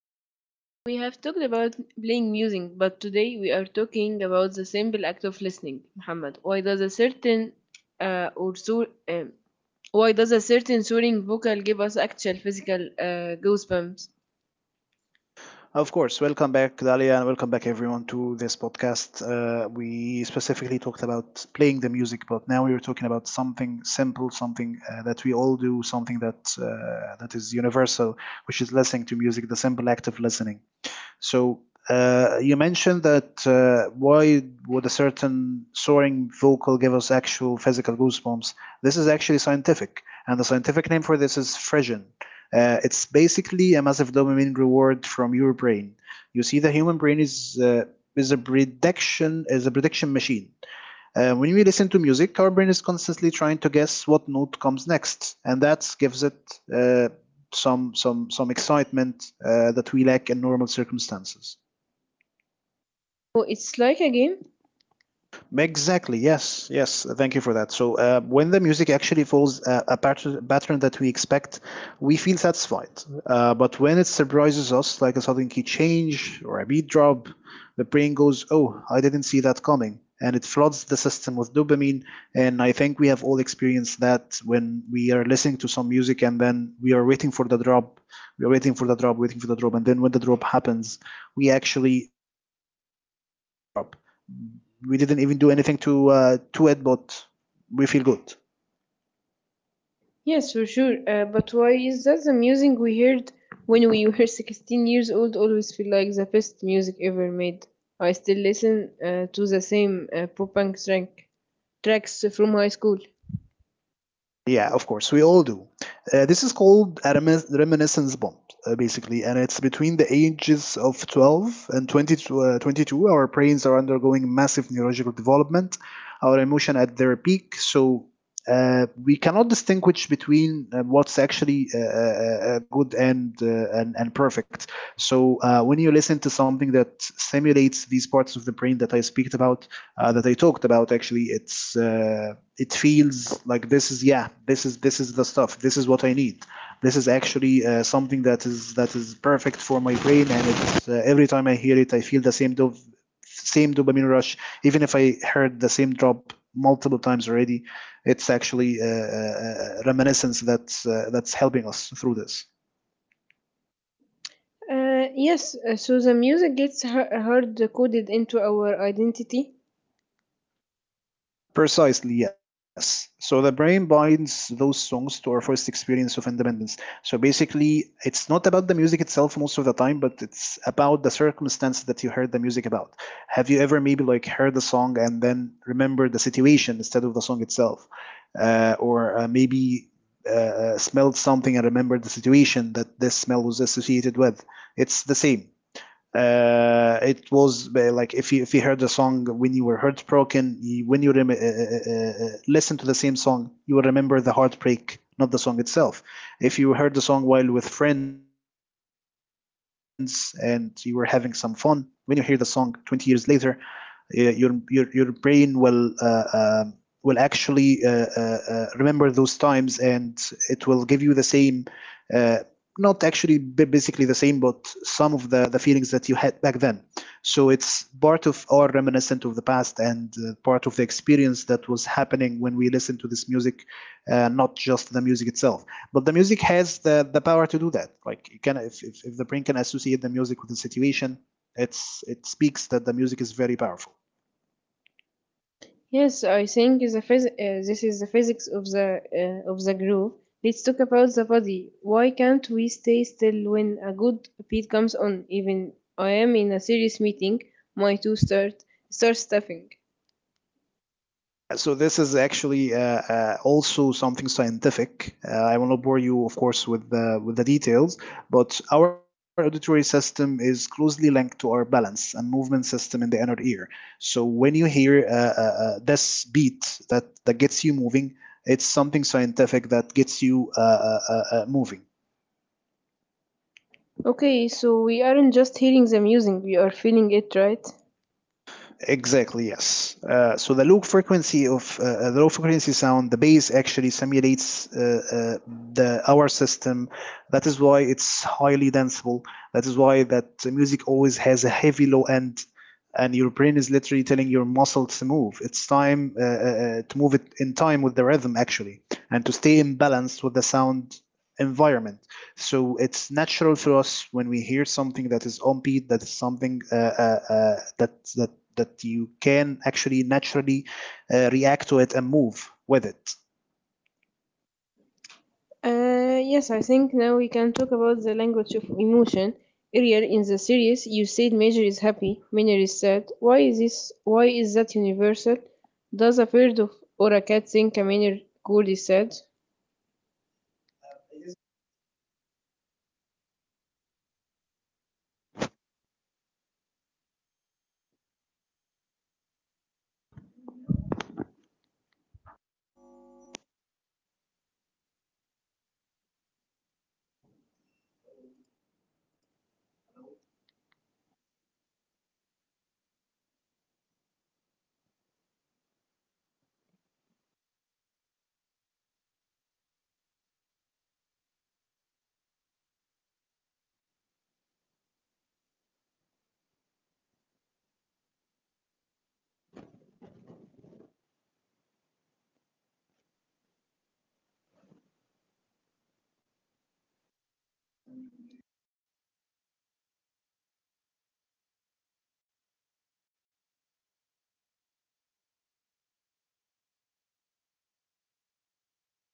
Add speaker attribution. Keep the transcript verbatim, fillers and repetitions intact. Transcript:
Speaker 1: Hello, we have talked about playing music, but today we are talking about the simple act of listening. Muhammad, why does a certain uh, or so, um, why does a certain soaring vocal give us actual physical uh, goosebumps?
Speaker 2: Of course, welcome back, Dalia, and welcome back everyone to this podcast. Uh, we specifically talked about playing the music, but now we are talking about something simple, something uh, that we all do, something that uh, that is universal, which is listening to music, the simple act of listening. So uh, you mentioned that uh, why would a certain soaring vocal give us actual physical goosebumps? This is actually scientific, and the scientific name for this is frisson. Uh, it's basically a massive dopamine reward from your brain. You see, the human brain is uh, is a prediction is a prediction machine. Uh, when we listen to music, our brain is constantly trying to guess what note comes next, and that gives it uh, some some some excitement uh, that we lack in normal circumstances.
Speaker 1: Oh, it's like a game.
Speaker 2: Exactly. Yes. Yes. Thank you for that. So uh, when the music actually follows a, a pattern, pattern that we expect, we feel satisfied. Uh, but when it surprises us, like a sudden key change or a beat drop, the brain goes, "Oh, I didn't see that coming," and it floods the system with dopamine. And I think we have all experienced that when we are listening to some music and then we are waiting for the drop, we are waiting for the drop, waiting for the drop, and then when the drop happens, we actually uh, feel good about this drop we didn't even do anything to uh, to it, but we feel good.
Speaker 1: Yes, for sure. Uh, but why is that the music we heard when we were sixteen years old always feel like the best music ever made? I still listen uh, to the same uh, pop punk track, tracks from high school.
Speaker 2: Yeah, of course, we all do. Uh, this is called a remin- reminiscence bond, uh, basically, and it's between the ages of twelve and uh, twenty-two. Our brains are undergoing massive neurological development, our emotion at their peak, so uh, we cannot distinguish between uh, what's actually uh, uh, uh, good and, uh, and and perfect. So uh, when you listen to something that stimulates these parts of the brain that I speak about, uh, that I talked about actually it's uh, it feels like this is, yeah, this is, this is the stuff, this is what I need, this is actually uh, something that is, that is perfect for my brain, and it's, uh, every time I hear it I feel the same dov- same dopamine rush, even if I heard the same drop multiple times already. It's actually uh, uh, reminiscence that's uh, that's helping us through this.
Speaker 1: Uh, yes, uh, so the music gets he- hard coded into our identity.
Speaker 2: Precisely, yes. So the brain binds those songs to our first experience of independence. So basically, it's not about the music itself most of the time, but it's about the circumstance that you heard the music about. Have you ever maybe like heard the song and then remembered the situation instead of the song itself? Uh, or uh, maybe uh, uh, smelled something and remembered the situation that this smell was associated with? It's the same. Uh, it was uh, like if you if you heard the song when you were heartbroken, you, when you rem- uh, uh, uh, uh, listen to the same song, you will remember the heartbreak, not the song itself. If you heard the song while with friends and you were having some fun, when you hear the song twenty years later, uh, your your your brain will uh, um will actually uh, uh, uh, remember those times, and it will give you the same uh, not actually ba- basically the same, but some of the, the feelings that you had back then. So it's part of our reminiscent of the past and uh, part of the experience that was happening when we listen to this music, uh, not just the music itself. But the music has the, the power to do that. Like you can, if, if, if the brain can associate the music with the situation, it's it speaks that the music is very powerful.
Speaker 1: Yes, I think the phys- uh, this is the physics of the uh, of the groove. Let's talk about the body. Why can't we stay still when a good beat comes on? Even I am in a serious meeting, my two start start stuffing.
Speaker 2: So this is actually uh, uh, also something scientific. Uh, I will not bore you, of course, with the with the details, but our auditory system is closely linked to our balance and movement system in the inner ear. So when you hear uh, uh, uh, this beat that that gets you moving, it's something scientific that gets you uh, uh, uh, uh, moving.
Speaker 1: Okay, so we aren't just hearing the music; we are feeling it, right?
Speaker 2: Exactly, yes. Uh, so the low frequency of uh, uh, the low frequency sound, the bass actually simulates uh, uh, the our system. That is why it's highly danceable. That is why that music always has a heavy low end, and your brain is literally telling your muscle to move. It's time uh, uh, uh, to move it in time with the rhythm actually, and to stay in balance with the sound environment. So it's natural for us when we hear something that is on beat, that is something uh, uh, uh, that that that you can actually naturally uh, react to it and move with it.
Speaker 1: Uh, yes, I think now we can talk about the language of emotion. Earlier in the series, you said Major is happy, Minor is sad. Why is this? Why is that universal? Does a bird of or a cat think a minor gold is sad?